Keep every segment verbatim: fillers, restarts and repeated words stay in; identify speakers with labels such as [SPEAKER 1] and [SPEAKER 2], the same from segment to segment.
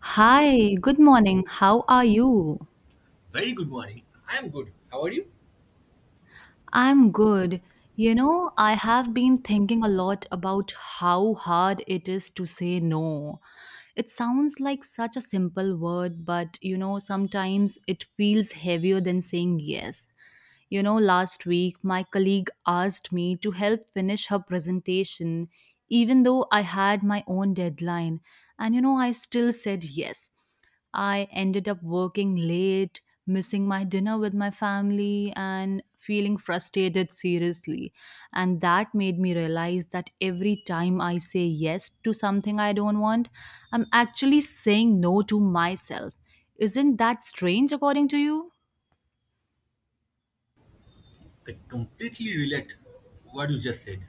[SPEAKER 1] Hi, good morning. How are you?
[SPEAKER 2] Very good morning. I am good. How are you?
[SPEAKER 1] I'm good. You know, I have been thinking a lot about how hard it is to say no. It sounds like such a simple word, but you know, sometimes it feels heavier than saying yes. You know, last week my colleague asked me to help finish her presentation, even though I had my own deadline. And you know, I still said yes. I ended up working late, missing my dinner with my family, and feeling frustrated seriously. And that made me realize that every time I say yes to something I don't want, I'm actually saying no to myself. Isn't that strange, according to you?
[SPEAKER 2] I completely relate what you just said.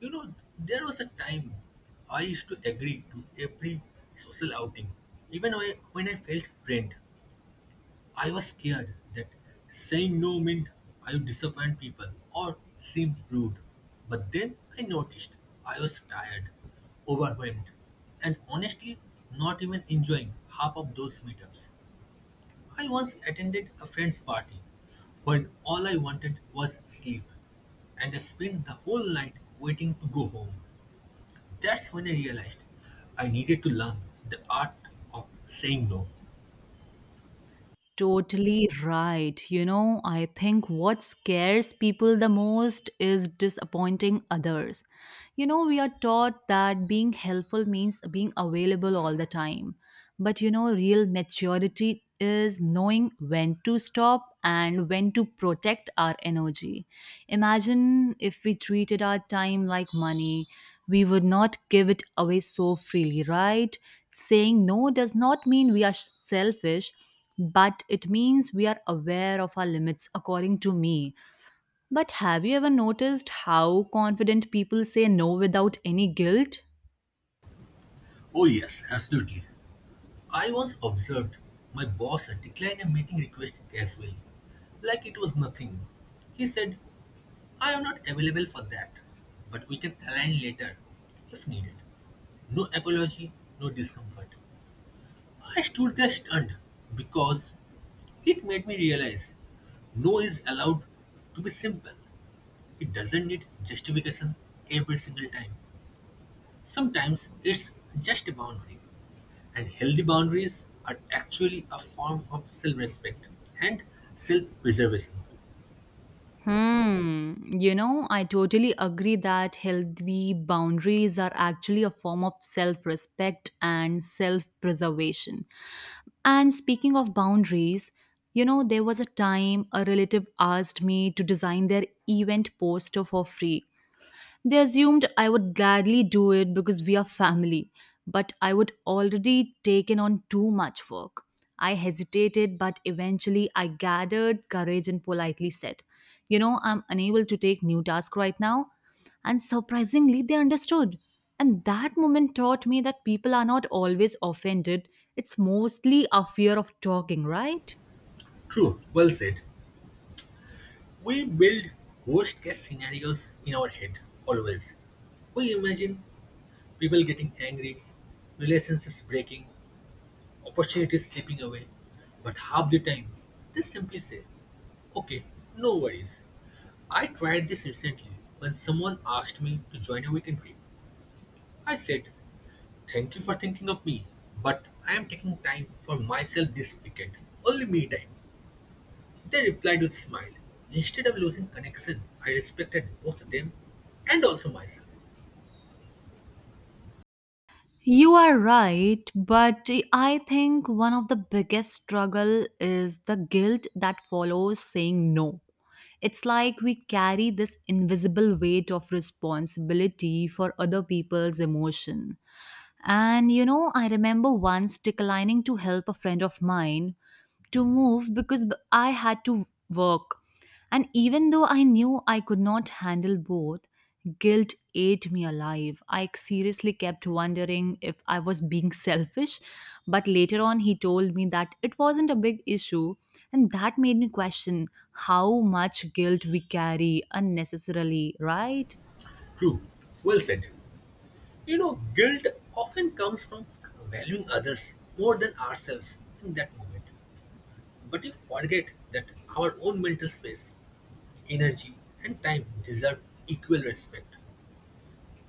[SPEAKER 2] You know, there was a time I used to agree to every social outing. Even I- when I felt drained, I was scared that saying no meant I would disappoint people or seem rude. But then I noticed I was tired, overwhelmed, and honestly not even enjoying half of those meetups. I once attended a friend's party when all I wanted was sleep, and I spent the whole night waiting to go home. That's when I realized I needed to learn the art of saying no.
[SPEAKER 1] Totally right. You know, I think what scares people the most is disappointing others. You know, we are taught that being helpful means being available all the time. But you know, real maturity is knowing when to stop and when to protect our energy. Imagine if we treated our time like money, we would not give it away so freely, right? Saying no does not mean we are selfish, but it means we are aware of our limits, according to me. But have you ever noticed how confident people say no without any guilt?
[SPEAKER 2] Oh, yes, absolutely. I once observed my boss decline a meeting request casually, like it was nothing. He said, I am not available for that, but we can align later if needed. No apology, no discomfort. I stood there stunned because it made me realize no is allowed to be simple. It doesn't need justification every single time. Sometimes it's just a boundary, and healthy boundaries are actually a form of self respect and self preservation.
[SPEAKER 1] Hmm. You know, I totally agree that healthy boundaries are actually a form of self respect and self preservation. And speaking of boundaries, you know, there was a time a relative asked me to design their event poster for free. They assumed I would gladly do it because we are family, but I would already taken on too much work. I hesitated, but eventually I gathered courage and politely said, You know, I'm unable to take new tasks right now. And surprisingly, they understood. And that moment taught me that people are not always offended, it's mostly a fear of talking, right?
[SPEAKER 2] True, well said. We build worst case scenarios in our head, always. We imagine people getting angry, relationships breaking, opportunities slipping away. But half the time, they simply say, Okay, no worries. I tried this recently when someone asked me to join a weekend trip. I said, Thank you for thinking of me, but I am taking time for myself this weekend. Only me time. They replied with a smile. Instead of losing connection, I respected both them and also myself.
[SPEAKER 1] You are right, but I think one of the biggest struggle is the guilt that follows saying no. It's like we carry this invisible weight of responsibility for other people's emotion. And you know, I remember once declining to help a friend of mine to move because b- I had to work. And even though I knew I could not handle both, guilt ate me alive. I seriously kept wondering if I was being selfish. But later on, he told me that it wasn't a big issue. And that made me question how much guilt we carry unnecessarily, right?
[SPEAKER 2] True. Well said. You know, guilt often comes from valuing others more than ourselves in that moment. But we forget that our own mental space, energy, and time deserve equal respect.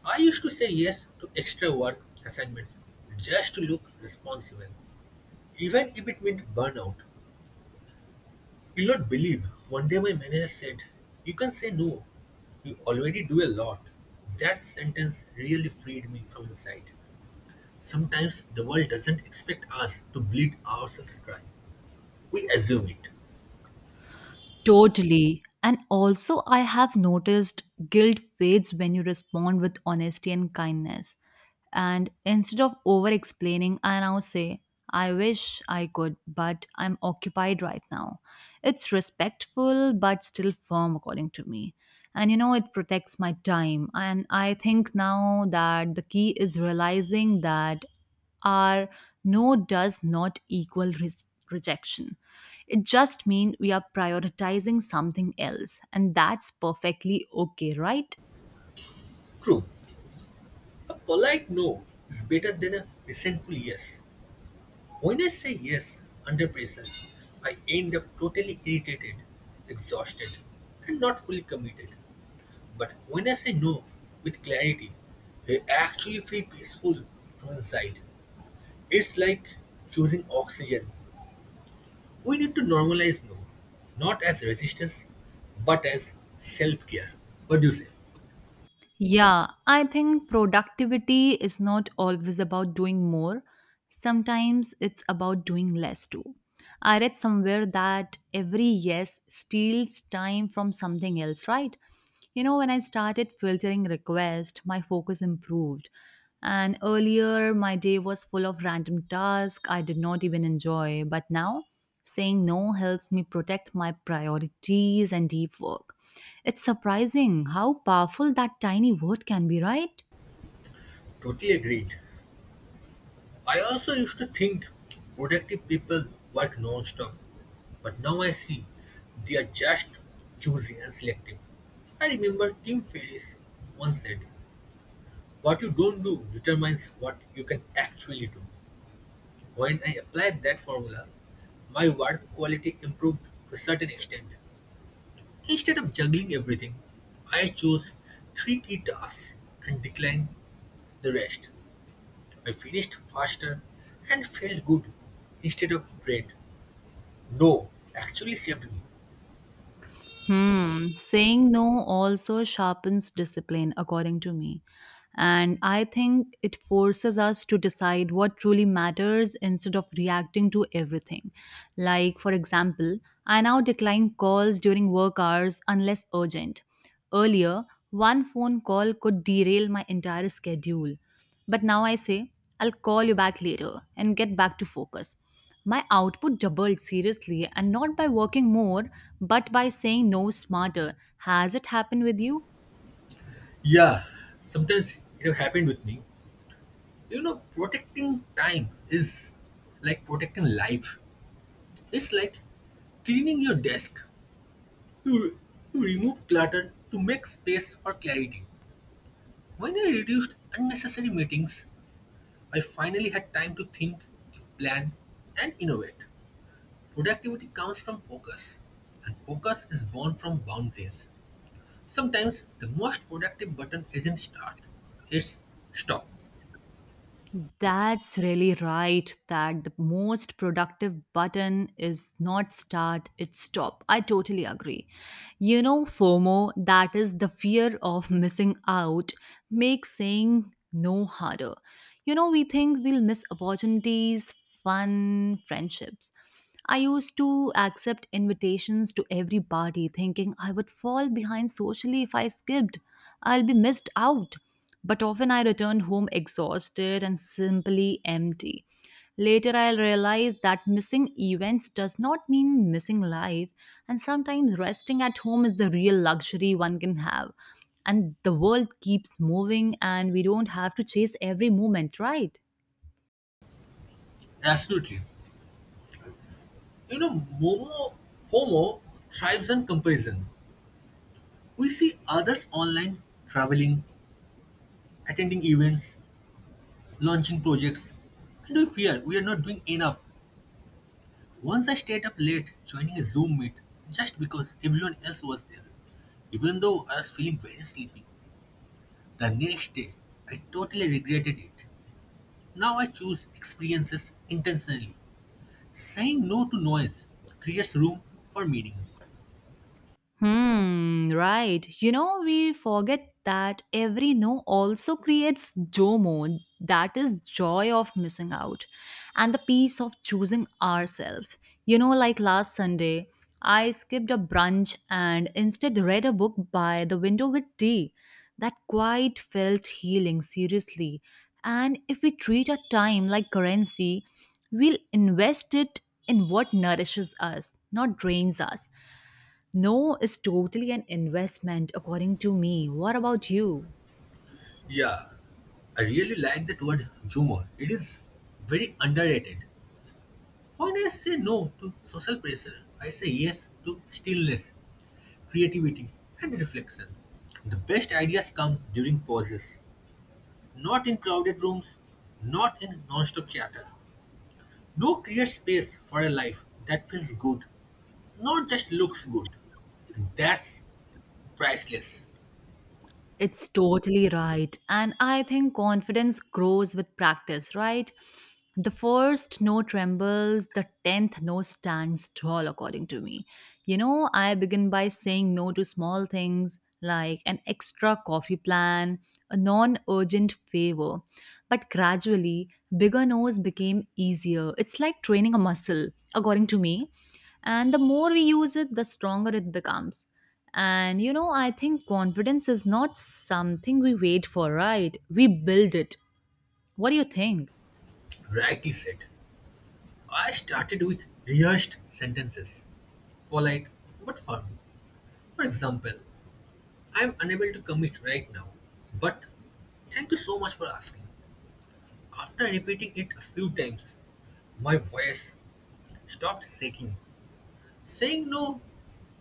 [SPEAKER 2] I used to say yes to extra work assignments just to look responsible, even if it meant burnout. You'll not believe one day my manager said, You can say no. You already do a lot. That sentence really freed me from inside. Sometimes the world doesn't expect us to bleed ourselves dry. We assume it.
[SPEAKER 1] Totally. And also, I have noticed guilt fades when you respond with honesty and kindness. And instead of over explaining, I now say, I wish I could, but I'm occupied right now. It's respectful, but still firm, according to me. And you know, it protects my time. And I think now that the key is realizing that our no does not equal res- rejection. It just means we are prioritizing something else, and that's perfectly okay, right?
[SPEAKER 2] True, A polite no is better than a resentful yes. When I say yes under pressure, I end up totally irritated, exhausted, and not fully committed. But when I say no with clarity, I actually feel peaceful from inside. It's like choosing oxygen. We need to normalize no, not as resistance, but as self care. What do you say?
[SPEAKER 1] Yeah, I think productivity is not always about doing more. Sometimes it's about doing less too. I read somewhere that every yes steals time from something else, right? You know, when I started filtering requests, my focus improved. And earlier, my day was full of random tasks I did not even enjoy. But now, saying no helps me protect my priorities and deep work. It's surprising how powerful that tiny word can be, right?
[SPEAKER 2] Totally agreed. I also used to think productive people work non-stop, but now I see they are just choosy and selective. I remember Tim Ferriss once said, "What you don't do determines what you can actually do." When I applied that formula, my work quality improved to a certain extent. Instead of juggling everything, I chose three key tasks and declined the rest. I finished faster and felt good instead of drained. No, actually saved me.
[SPEAKER 1] Hmm, saying no also sharpens discipline, according to me. And I think it forces us to decide what truly matters instead of reacting to everything. Like, for example, I now decline calls during work hours unless urgent. Earlier, one phone call could derail my entire schedule. But now I say, I'll call you back later and get back to focus. My output doubled seriously, and not by working more, but by saying no smarter. Has it happened with you?
[SPEAKER 2] Yeah, sometimes it have happened with me. You know, protecting time is like protecting life. It's like cleaning your desk. You, you remove clutter to make space for clarity. When I reduced unnecessary meetings, I finally had time to think, plan, and innovate. Productivity comes from focus, and focus is born from boundaries. Sometimes the most productive button isn't start, it's stop.
[SPEAKER 1] That's really right. That the most productive button is not start, it's stop. I totally agree. You know, FOMO, that is the fear of missing out, makes saying no harder. You know, we think we'll miss opportunities, fun, friendships. I used to accept invitations to every party, thinking I would fall behind socially if I skipped. I'll be missed out. But often I returned home exhausted and simply empty. Later, I'll realize that missing events does not mean missing life, and sometimes resting at home is the real luxury one can have and the world keeps moving and we don't have to chase every moment, right?
[SPEAKER 2] Absolutely. You know, Momo FOMO thrives on comparison. We see others online traveling, attending events, launching projects, and we fear we are not doing enough. Once I stayed up late joining a Zoom meet just because everyone else was there, even though I was feeling very sleepy. The next day, I totally regretted it. Now I choose experiences intentionally Saying no to noise creates room for meaning.
[SPEAKER 1] Hmm, right. You know, we forget that every no also creates JOMO, that is joy of missing out, and the peace of choosing ourselves. You know, like last Sunday, I skipped a brunch and instead read a book by the window with tea. That quite felt healing, seriously. And if we treat our time like currency, we'll invest it in what nourishes us, not drains us. No is totally an investment, according to me. What about you?
[SPEAKER 2] Yeah, I really like that word humor. It is very underrated. When I say no to social pressure, I say yes to stillness, creativity, and reflection. The best ideas come during pauses, not in crowded rooms, not in non-stop chatter. No creates space for a life that feels good, not just looks good. And that's priceless,
[SPEAKER 1] It's totally right. And I think confidence grows with practice, right? The first no trembles, the tenth no stands tall, according to me. You know, I begin by saying no to small things like an extra coffee plan, a non urgent favor. But gradually, bigger no's became easier. It's like training a muscle, according to me. And the more we use it, the stronger it becomes. And you know, I think confidence is not something we wait for, right? We build it. What do you think?
[SPEAKER 2] rightly said. I started with rehearsed sentences, polite but firm. For example, I am unable to commit right now, but thank you so much for asking. After repeating it a few times, my voice stopped shaking. Saying no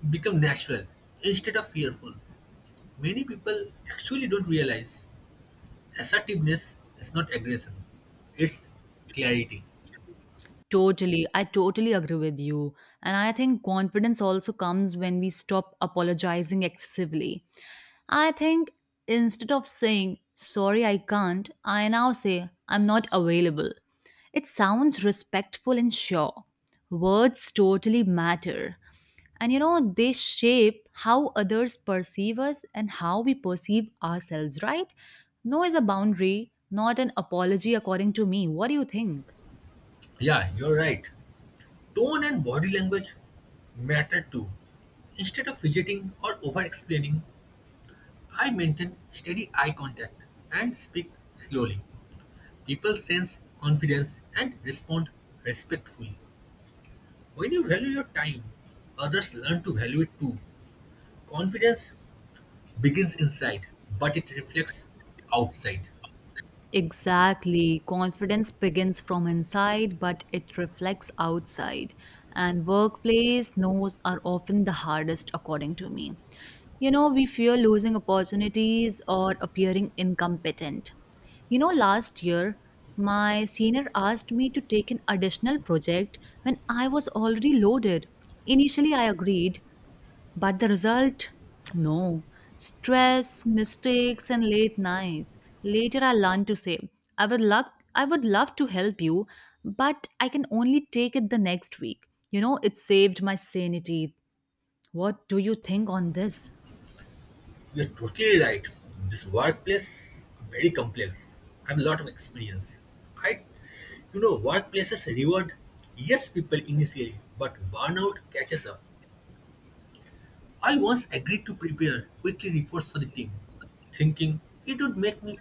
[SPEAKER 2] became natural instead of fearful. Many people actually don't realize assertiveness is not aggression, it's clarity.
[SPEAKER 1] Totally. I totally agree with you. And I think confidence also comes when we stop apologizing excessively. I think instead of saying, sorry, I can't, I now say, I'm not available. It sounds respectful and sure. Words totally matter. And you know, they shape how others perceive us and how we perceive ourselves, right? No is a boundary, not an apology, according to me. What do you think?
[SPEAKER 2] Yeah, you're right. Tone and body language matter too. Instead of fidgeting or over-explaining, I maintain steady eye contact and speak slowly. People sense confidence and respond respectfully. When you value your time, others learn to value it too. Confidence begins inside, but it reflects outside.
[SPEAKER 1] Exactly. Confidence begins from inside, but it reflects outside. And workplace no's are often the hardest, according to me. You know, we fear losing opportunities or appearing incompetent. You know, last year, my senior asked me to take an additional project when I was already loaded. Initially, I agreed, but the result? No. Stress, mistakes, and late nights. Later I learned to say, I would love I would love to help you, but I can only take it the next week. You know, it saved my sanity. What do you think on this?
[SPEAKER 2] You're totally right. This workplace very complex. I have a lot of experience. I, you know, workplaces reward yes people initially, but burnout catches up. I once agreed to prepare weekly reports for the team, thinking it would make me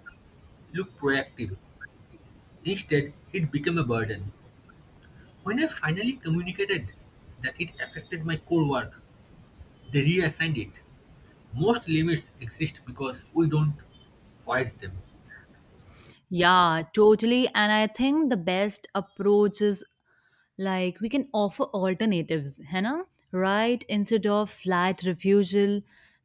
[SPEAKER 2] look proactive. Instead, it became a burden. When I finally communicated that it affected my core work, they reassigned it. Most limits exist because we don't voice them.
[SPEAKER 1] Yeah, totally. And I think the best approach is like we can offer alternatives है ना, right, instead of flat refusal,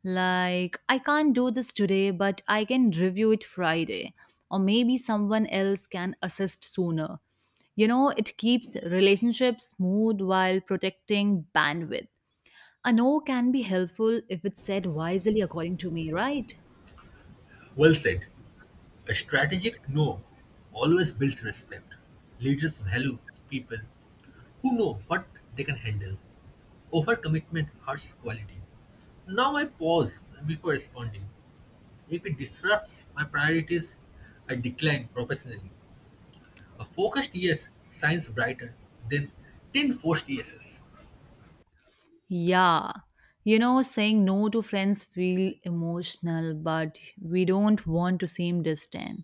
[SPEAKER 1] like I can't do this today, but I can review it Friday, or maybe someone else can assist sooner. You know it keeps relationships smooth while protecting bandwidth. A no can be helpful if it's said wisely, according to me, right?
[SPEAKER 2] Well said. A strategic "no" always builds respect. Leaders value people who know what they can handle. Overcommitment hurts quality. Now I pause before responding. If it disrupts my priorities, I decline professionally. A focused yes shines brighter than ten forced yeses.
[SPEAKER 1] Yeah. You know, saying no to friends feel emotional, but we don't want to seem distant.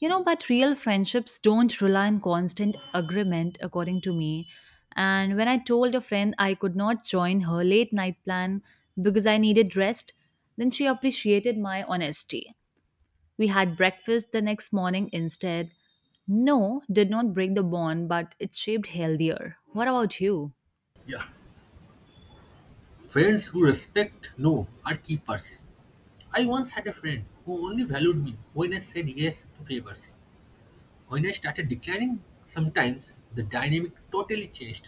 [SPEAKER 1] You know, but real friendships don't rely on constant agreement, according to me. And when I told a friend I could not join her late night plan because I needed rest, then she appreciated my honesty. We had breakfast the next morning instead. No did not break the bond, but it shaped healthier. What about you?
[SPEAKER 2] Yeah. Friends who respect no are keepers. I once had a friend who only valued me when I said yes to favors. When I started declining, sometimes the dynamic totally changed.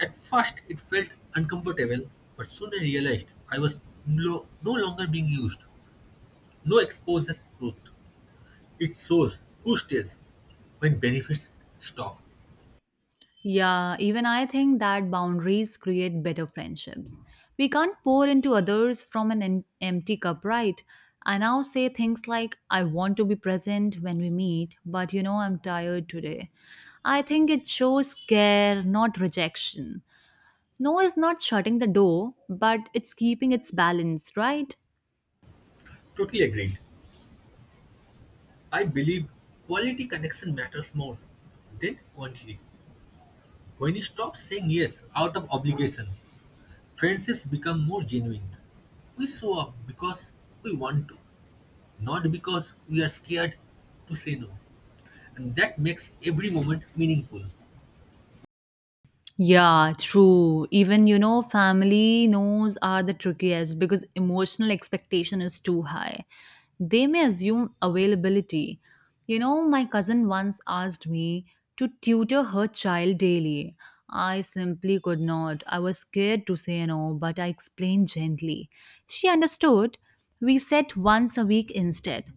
[SPEAKER 2] At first, it felt uncomfortable, but soon I realized I was no, no longer being used. No exposes truth. It shows who stays when benefits stop.
[SPEAKER 1] Yeah, even I think that boundaries create better friendships. We can't pour into others from an em- empty cup, right? I now say things like, I want to be present when we meet, but you know, I'm tired today. I think it shows care, not rejection. No is not shutting the door, but it's keeping its balance, right?
[SPEAKER 2] Totally agreed. I believe quality connection matters more than quantity. When you stop saying yes out of obligation, friendships become more genuine. We show up because we want to, not because we are scared to say no. And that makes every moment meaningful.
[SPEAKER 1] Yeah, true. Even, you know, family knows are the trickiest because emotional expectation is too high. They may assume availability. You know, my cousin once asked me to tutor her child daily. I simply could not. I was scared to say no, but I explained gently. She understood. We set once a week instead.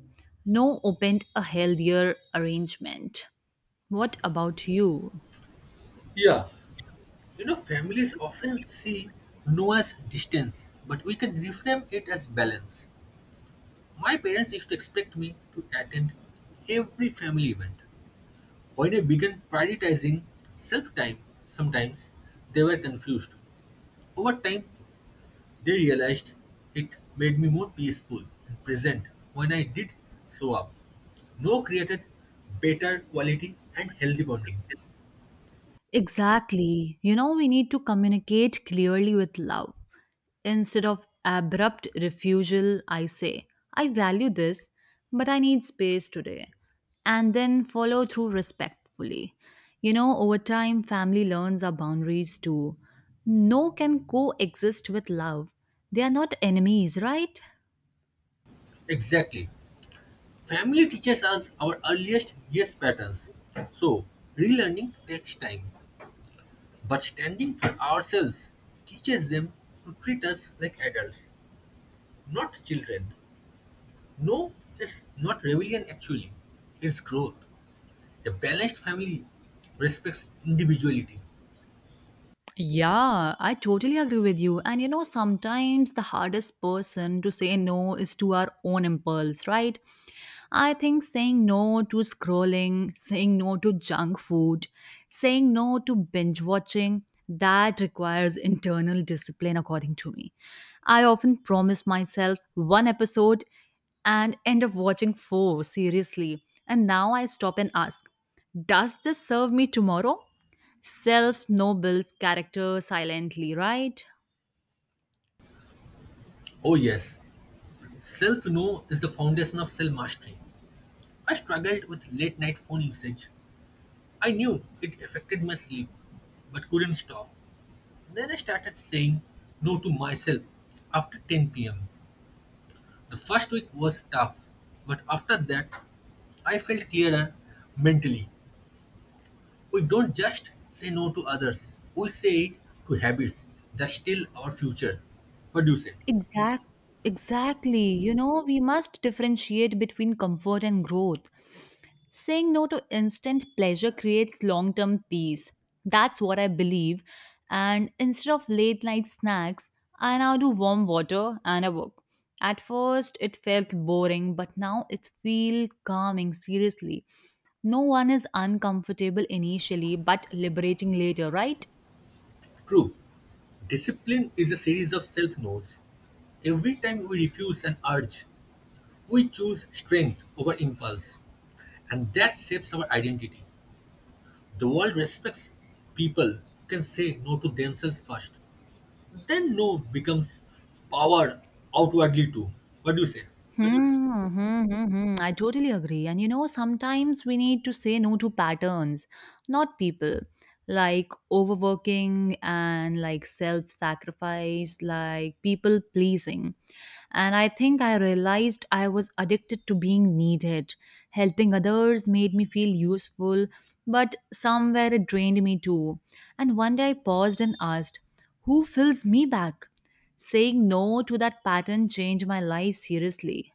[SPEAKER 1] No opened a healthier arrangement. What about you?
[SPEAKER 2] Yeah, You know, families often see no as distance, but we can reframe it as balance. My parents used to expect me to attend every family event. When I began prioritizing self time, sometimes they were confused. Over time, They realized it made me more peaceful and present when I did show up. No created better quality and healthy bonding.
[SPEAKER 1] Exactly. You know, we need to communicate clearly with love. Instead of abrupt refusal, I say, I value this, but I need space today. And then follow through respectfully. You know, over time, family learns our boundaries too. No can coexist with love. They are not enemies, right?
[SPEAKER 2] Exactly. Family teaches us our earliest yes patterns. So, relearning takes time. But standing for ourselves teaches them to treat us like adults, not children. No is not rebellion actually, it's growth. A balanced family respects individuality.
[SPEAKER 1] Yeah, I totally agree with you. And you know, sometimes the hardest person to say no is to our own impulse, right? I think saying no to scrolling, saying no to junk food, saying no to binge watching, that requires internal discipline, according to me. I often promise myself one episode and end up watching four, seriously. And now I stop and ask, does this serve me tomorrow? Self nobles character silently, right?
[SPEAKER 2] Oh, yes, Self-know is the foundation of self-mastery. I struggled with late-night phone usage. I knew it affected my sleep, but couldn't stop. Then I started saying no to myself after ten p m. The first week was tough, but after that, I felt clearer mentally. We don't just say no to others, we say it to habits that still our future. What do you say?
[SPEAKER 1] Exact, exactly. You know, we must differentiate between comfort and growth. Saying no to instant pleasure creates long term peace. That's what I believe. And instead of late night snacks, I now do warm water and a book. At first, it felt boring, but now it feels calming, seriously. No one is uncomfortable initially, but liberating later, right?
[SPEAKER 2] True. Discipline is a series of self-no's. Every time we refuse an urge, we choose strength over impulse, and that shapes our identity. The world respects people who can say no to themselves first. Then no becomes power outwardly too. What do you say?
[SPEAKER 1] Hmm, hmm, hmm, hmm. I totally agree. And you know, sometimes we need to say no to patterns, not people. Like overworking and like self sacrifice, like people pleasing. And I think I realized I was addicted to being needed. Helping others made me feel useful, but somewhere it drained me too. And one day I paused and asked, who fills me back? Saying no to that pattern changed my life seriously.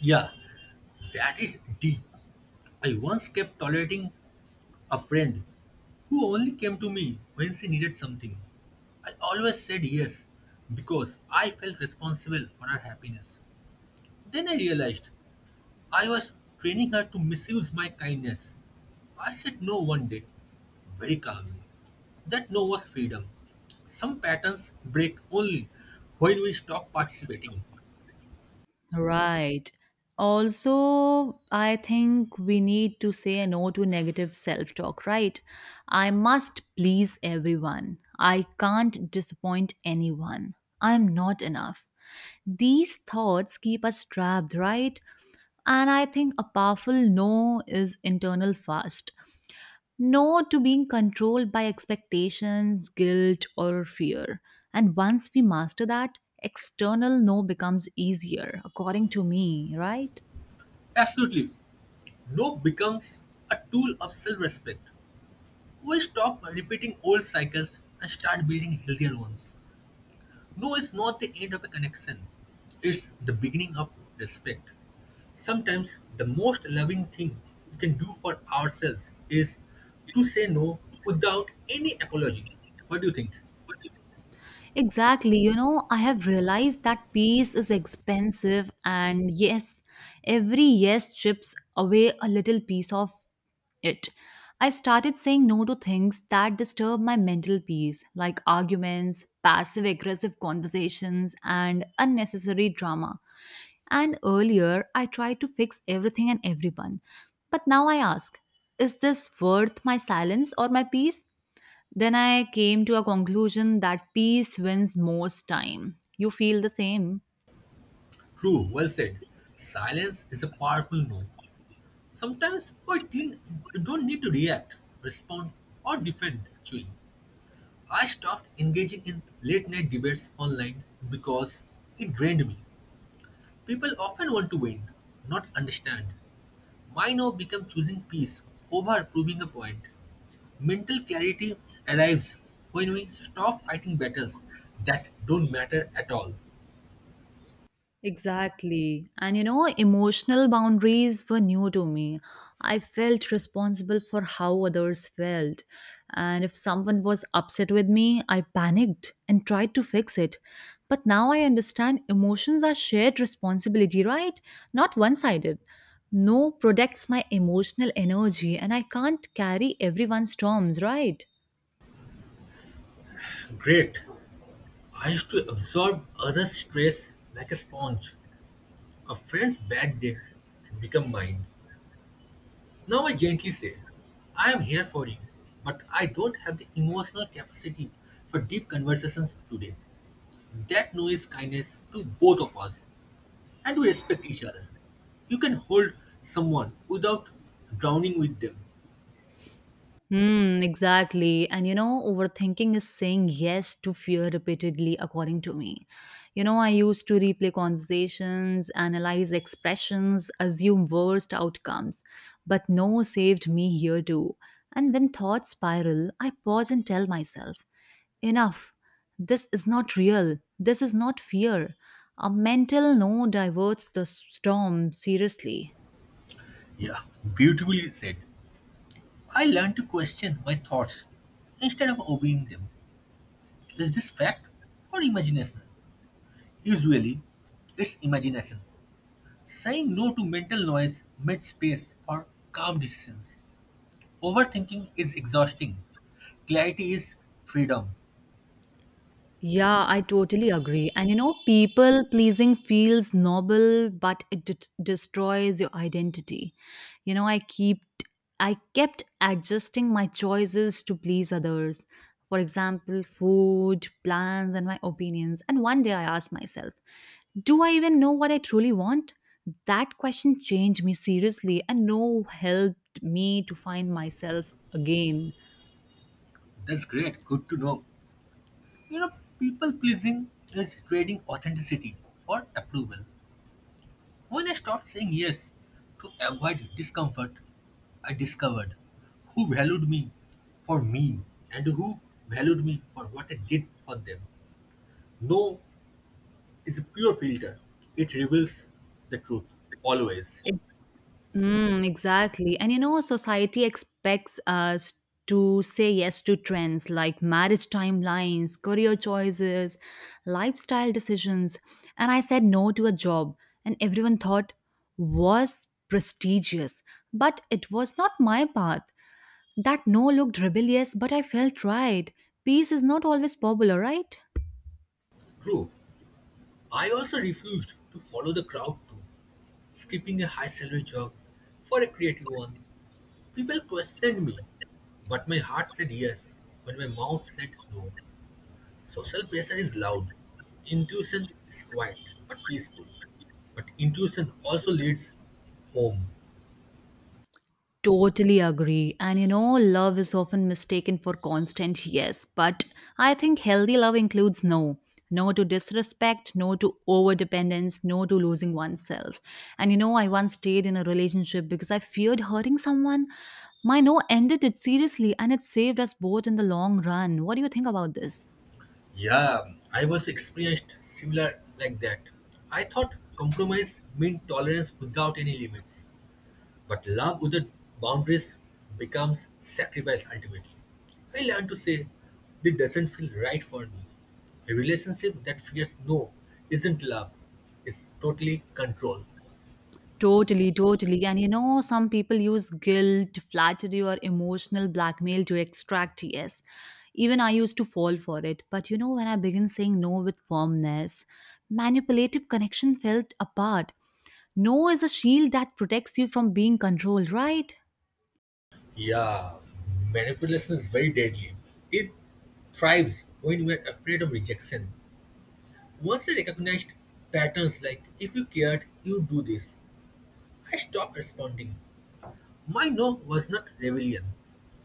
[SPEAKER 2] Yeah, that is deep. I once kept tolerating A friend who only came to me when she needed something. I always said yes because I felt responsible for her happiness. Then I realized I was training her to misuse my kindness. I said no one day, very calmly. That no was freedom. Some patterns break only when we stop participating.
[SPEAKER 1] Right. Also, I think we need to say no to negative self talk, right? I must please everyone. I can't disappoint anyone. I'm not enough. These thoughts keep us trapped, right? And I think a powerful no is internal fast, no to being controlled by expectations, guilt, or fear. And once we master that, external no becomes easier, according to me, right?
[SPEAKER 2] Absolutely, no becomes a tool of self respect. We stop repeating old cycles and start building healthier ones. No is not the end of a connection, it's the beginning of respect. Sometimes the most loving thing we can do for ourselves is to say no without any apology. What do you think?
[SPEAKER 1] Exactly. You know, I have realized that peace is expensive, and yes, every yes chips away a little piece of it. I started saying no to things that disturb my mental peace, like arguments, passive aggressive conversations, and unnecessary drama. And earlier, I tried to fix everything and everyone. But now I ask, is this worth my silence or my peace? Then I came to a conclusion that peace wins most time. You feel the same.
[SPEAKER 2] True, well said. Silence is a powerful no. Sometimes we, didn't, we don't need to react, respond, or defend actually. I stopped engaging in late night debates online because it drained me. People often want to win, not understand. Why now become choosing peace over proving a point. Mental clarity arrives when we stop fighting battles that don't matter at all.
[SPEAKER 1] Exactly. And you know, emotional boundaries were new to me. I felt responsible for how others felt. And if someone was upset with me, I panicked and tried to fix it. But now I understand emotions are shared responsibility, right? Not one sided. No protects my emotional energy, and I can't carry everyone's storms, right?
[SPEAKER 2] Great. I used to absorb others' stress like a sponge. A friend's bad day become mine. Now I gently say, I am here for you, but I don't have the emotional capacity for deep conversations today. That now is kindness to both of us. And we respect each other. You can hold someone without drowning with them.
[SPEAKER 1] Hmm, exactly. And you know, overthinking is saying yes to fear repeatedly, according to me. You know, I used to replay conversations, analyze expressions, assume worst outcomes, but no saved me here too. And when thoughts spiral, I pause and tell myself, enough. This is not real. This is not fear. A mental no diverts the storm seriously.
[SPEAKER 2] Yeah, beautifully said. I learned to question my thoughts instead of obeying them. Is this fact or imagination? Usually, it's imagination. Saying no to mental noise made space for calm decisions. Overthinking is exhausting. Clarity is freedom.
[SPEAKER 1] Yeah, I totally agree. And you know, people pleasing feels noble, but it d- destroys your identity. You know, I keep I kept adjusting my choices to please others. For example, food, plans, and my opinions. And one day I asked myself, do I even know what I truly want? That question changed me seriously and no helped me to find myself again.
[SPEAKER 2] That's great. Good to know. You know, people pleasing is trading authenticity for approval. When I stopped saying yes to avoid discomfort, I discovered who valued me for me and who valued me for what I did for them. No is a pure filter, it reveals the truth, always.
[SPEAKER 1] Mm, exactly. And you know, society expects us to say yes to trends like marriage timelines, career choices, lifestyle decisions. And I said no to a job, and everyone thought was prestigious. But it was not my path. That no looked rebellious, but I felt right. Peace is not always popular, right?
[SPEAKER 2] True. I also refused to follow the crowd too, skipping a high salary job for a creative one. People questioned me, but my heart said yes when my mouth said no. Social pressure is loud, intuition is quiet but peaceful. But intuition also leads home.
[SPEAKER 1] Totally agree. And you know, love is often mistaken for constant yes, but I think healthy love includes no. No to disrespect, no to over dependence, no to losing oneself. And you know, I once stayed in a relationship because I feared hurting someone. My no ended it seriously and it saved us both in the long run. What do you think about this?
[SPEAKER 2] Yeah, I was experienced similar like that. I thought compromise meant tolerance without any limits, but love without boundaries becomes sacrifice ultimately. I learned to say, this doesn't feel right for me. A relationship that fears no isn't love, it's totally control.
[SPEAKER 1] Totally, totally. And you know, some people use guilt, flattery, or emotional blackmail to extract yes. Even I used to fall for it. But you know, when I began saying no with firmness, manipulative connection felt apart. No is a shield that protects you from being controlled, right?
[SPEAKER 2] Yeah, manipulation is very deadly. It thrives when we are afraid of rejection. Once I recognized patterns like, if you cared, you do this, I stopped responding. My no was not rebellion,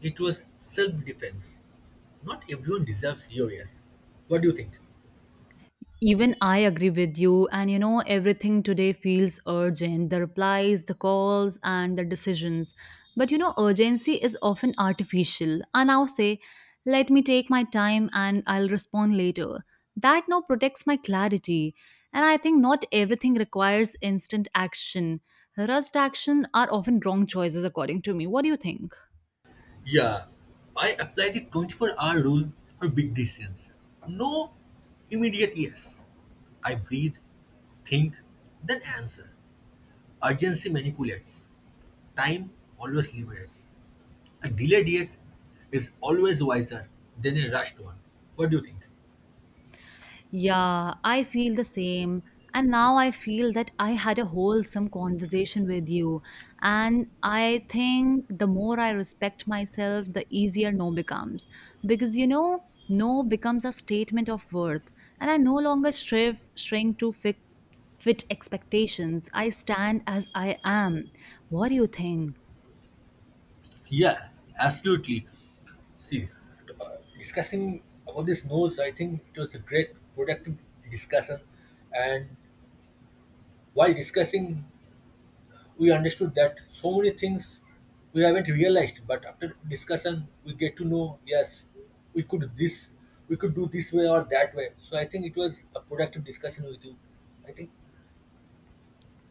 [SPEAKER 2] it was self defense. Not everyone deserves your yes. What do you think?
[SPEAKER 1] Even I agree with you, and you know, everything today feels urgent, the replies, the calls, and the decisions. But you know, urgency is often artificial. I now say, let me take my time and I'll respond later. That now protects my clarity. And I think not everything requires instant action. Rushed action are often wrong choices, according to me. What do you think?
[SPEAKER 2] Yeah, I apply the twenty-four hour rule for big decisions. No immediate yes. I breathe, think, then answer. Urgency manipulates. Time always liberates. A delayed yes is always wiser than a rushed one. What do you think?
[SPEAKER 1] Yeah, I feel the same. And now I feel that I had a wholesome conversation with you. And I think the more I respect myself, the easier no becomes. Because, you know, no becomes a statement of worth. And I no longer strive, shrink to fit, fit expectations. I stand as I am. What do you think?
[SPEAKER 2] Yeah, absolutely. See, uh, discussing about this nose, I think it was a great productive discussion. And while discussing, we understood that so many things we haven't realized. But after discussion, we get to know yes, we could this, we could do this way or that way. So I think it was a productive discussion with you. I think.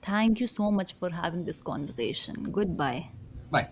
[SPEAKER 1] Thank you so much for having this conversation. Goodbye.
[SPEAKER 2] Bye.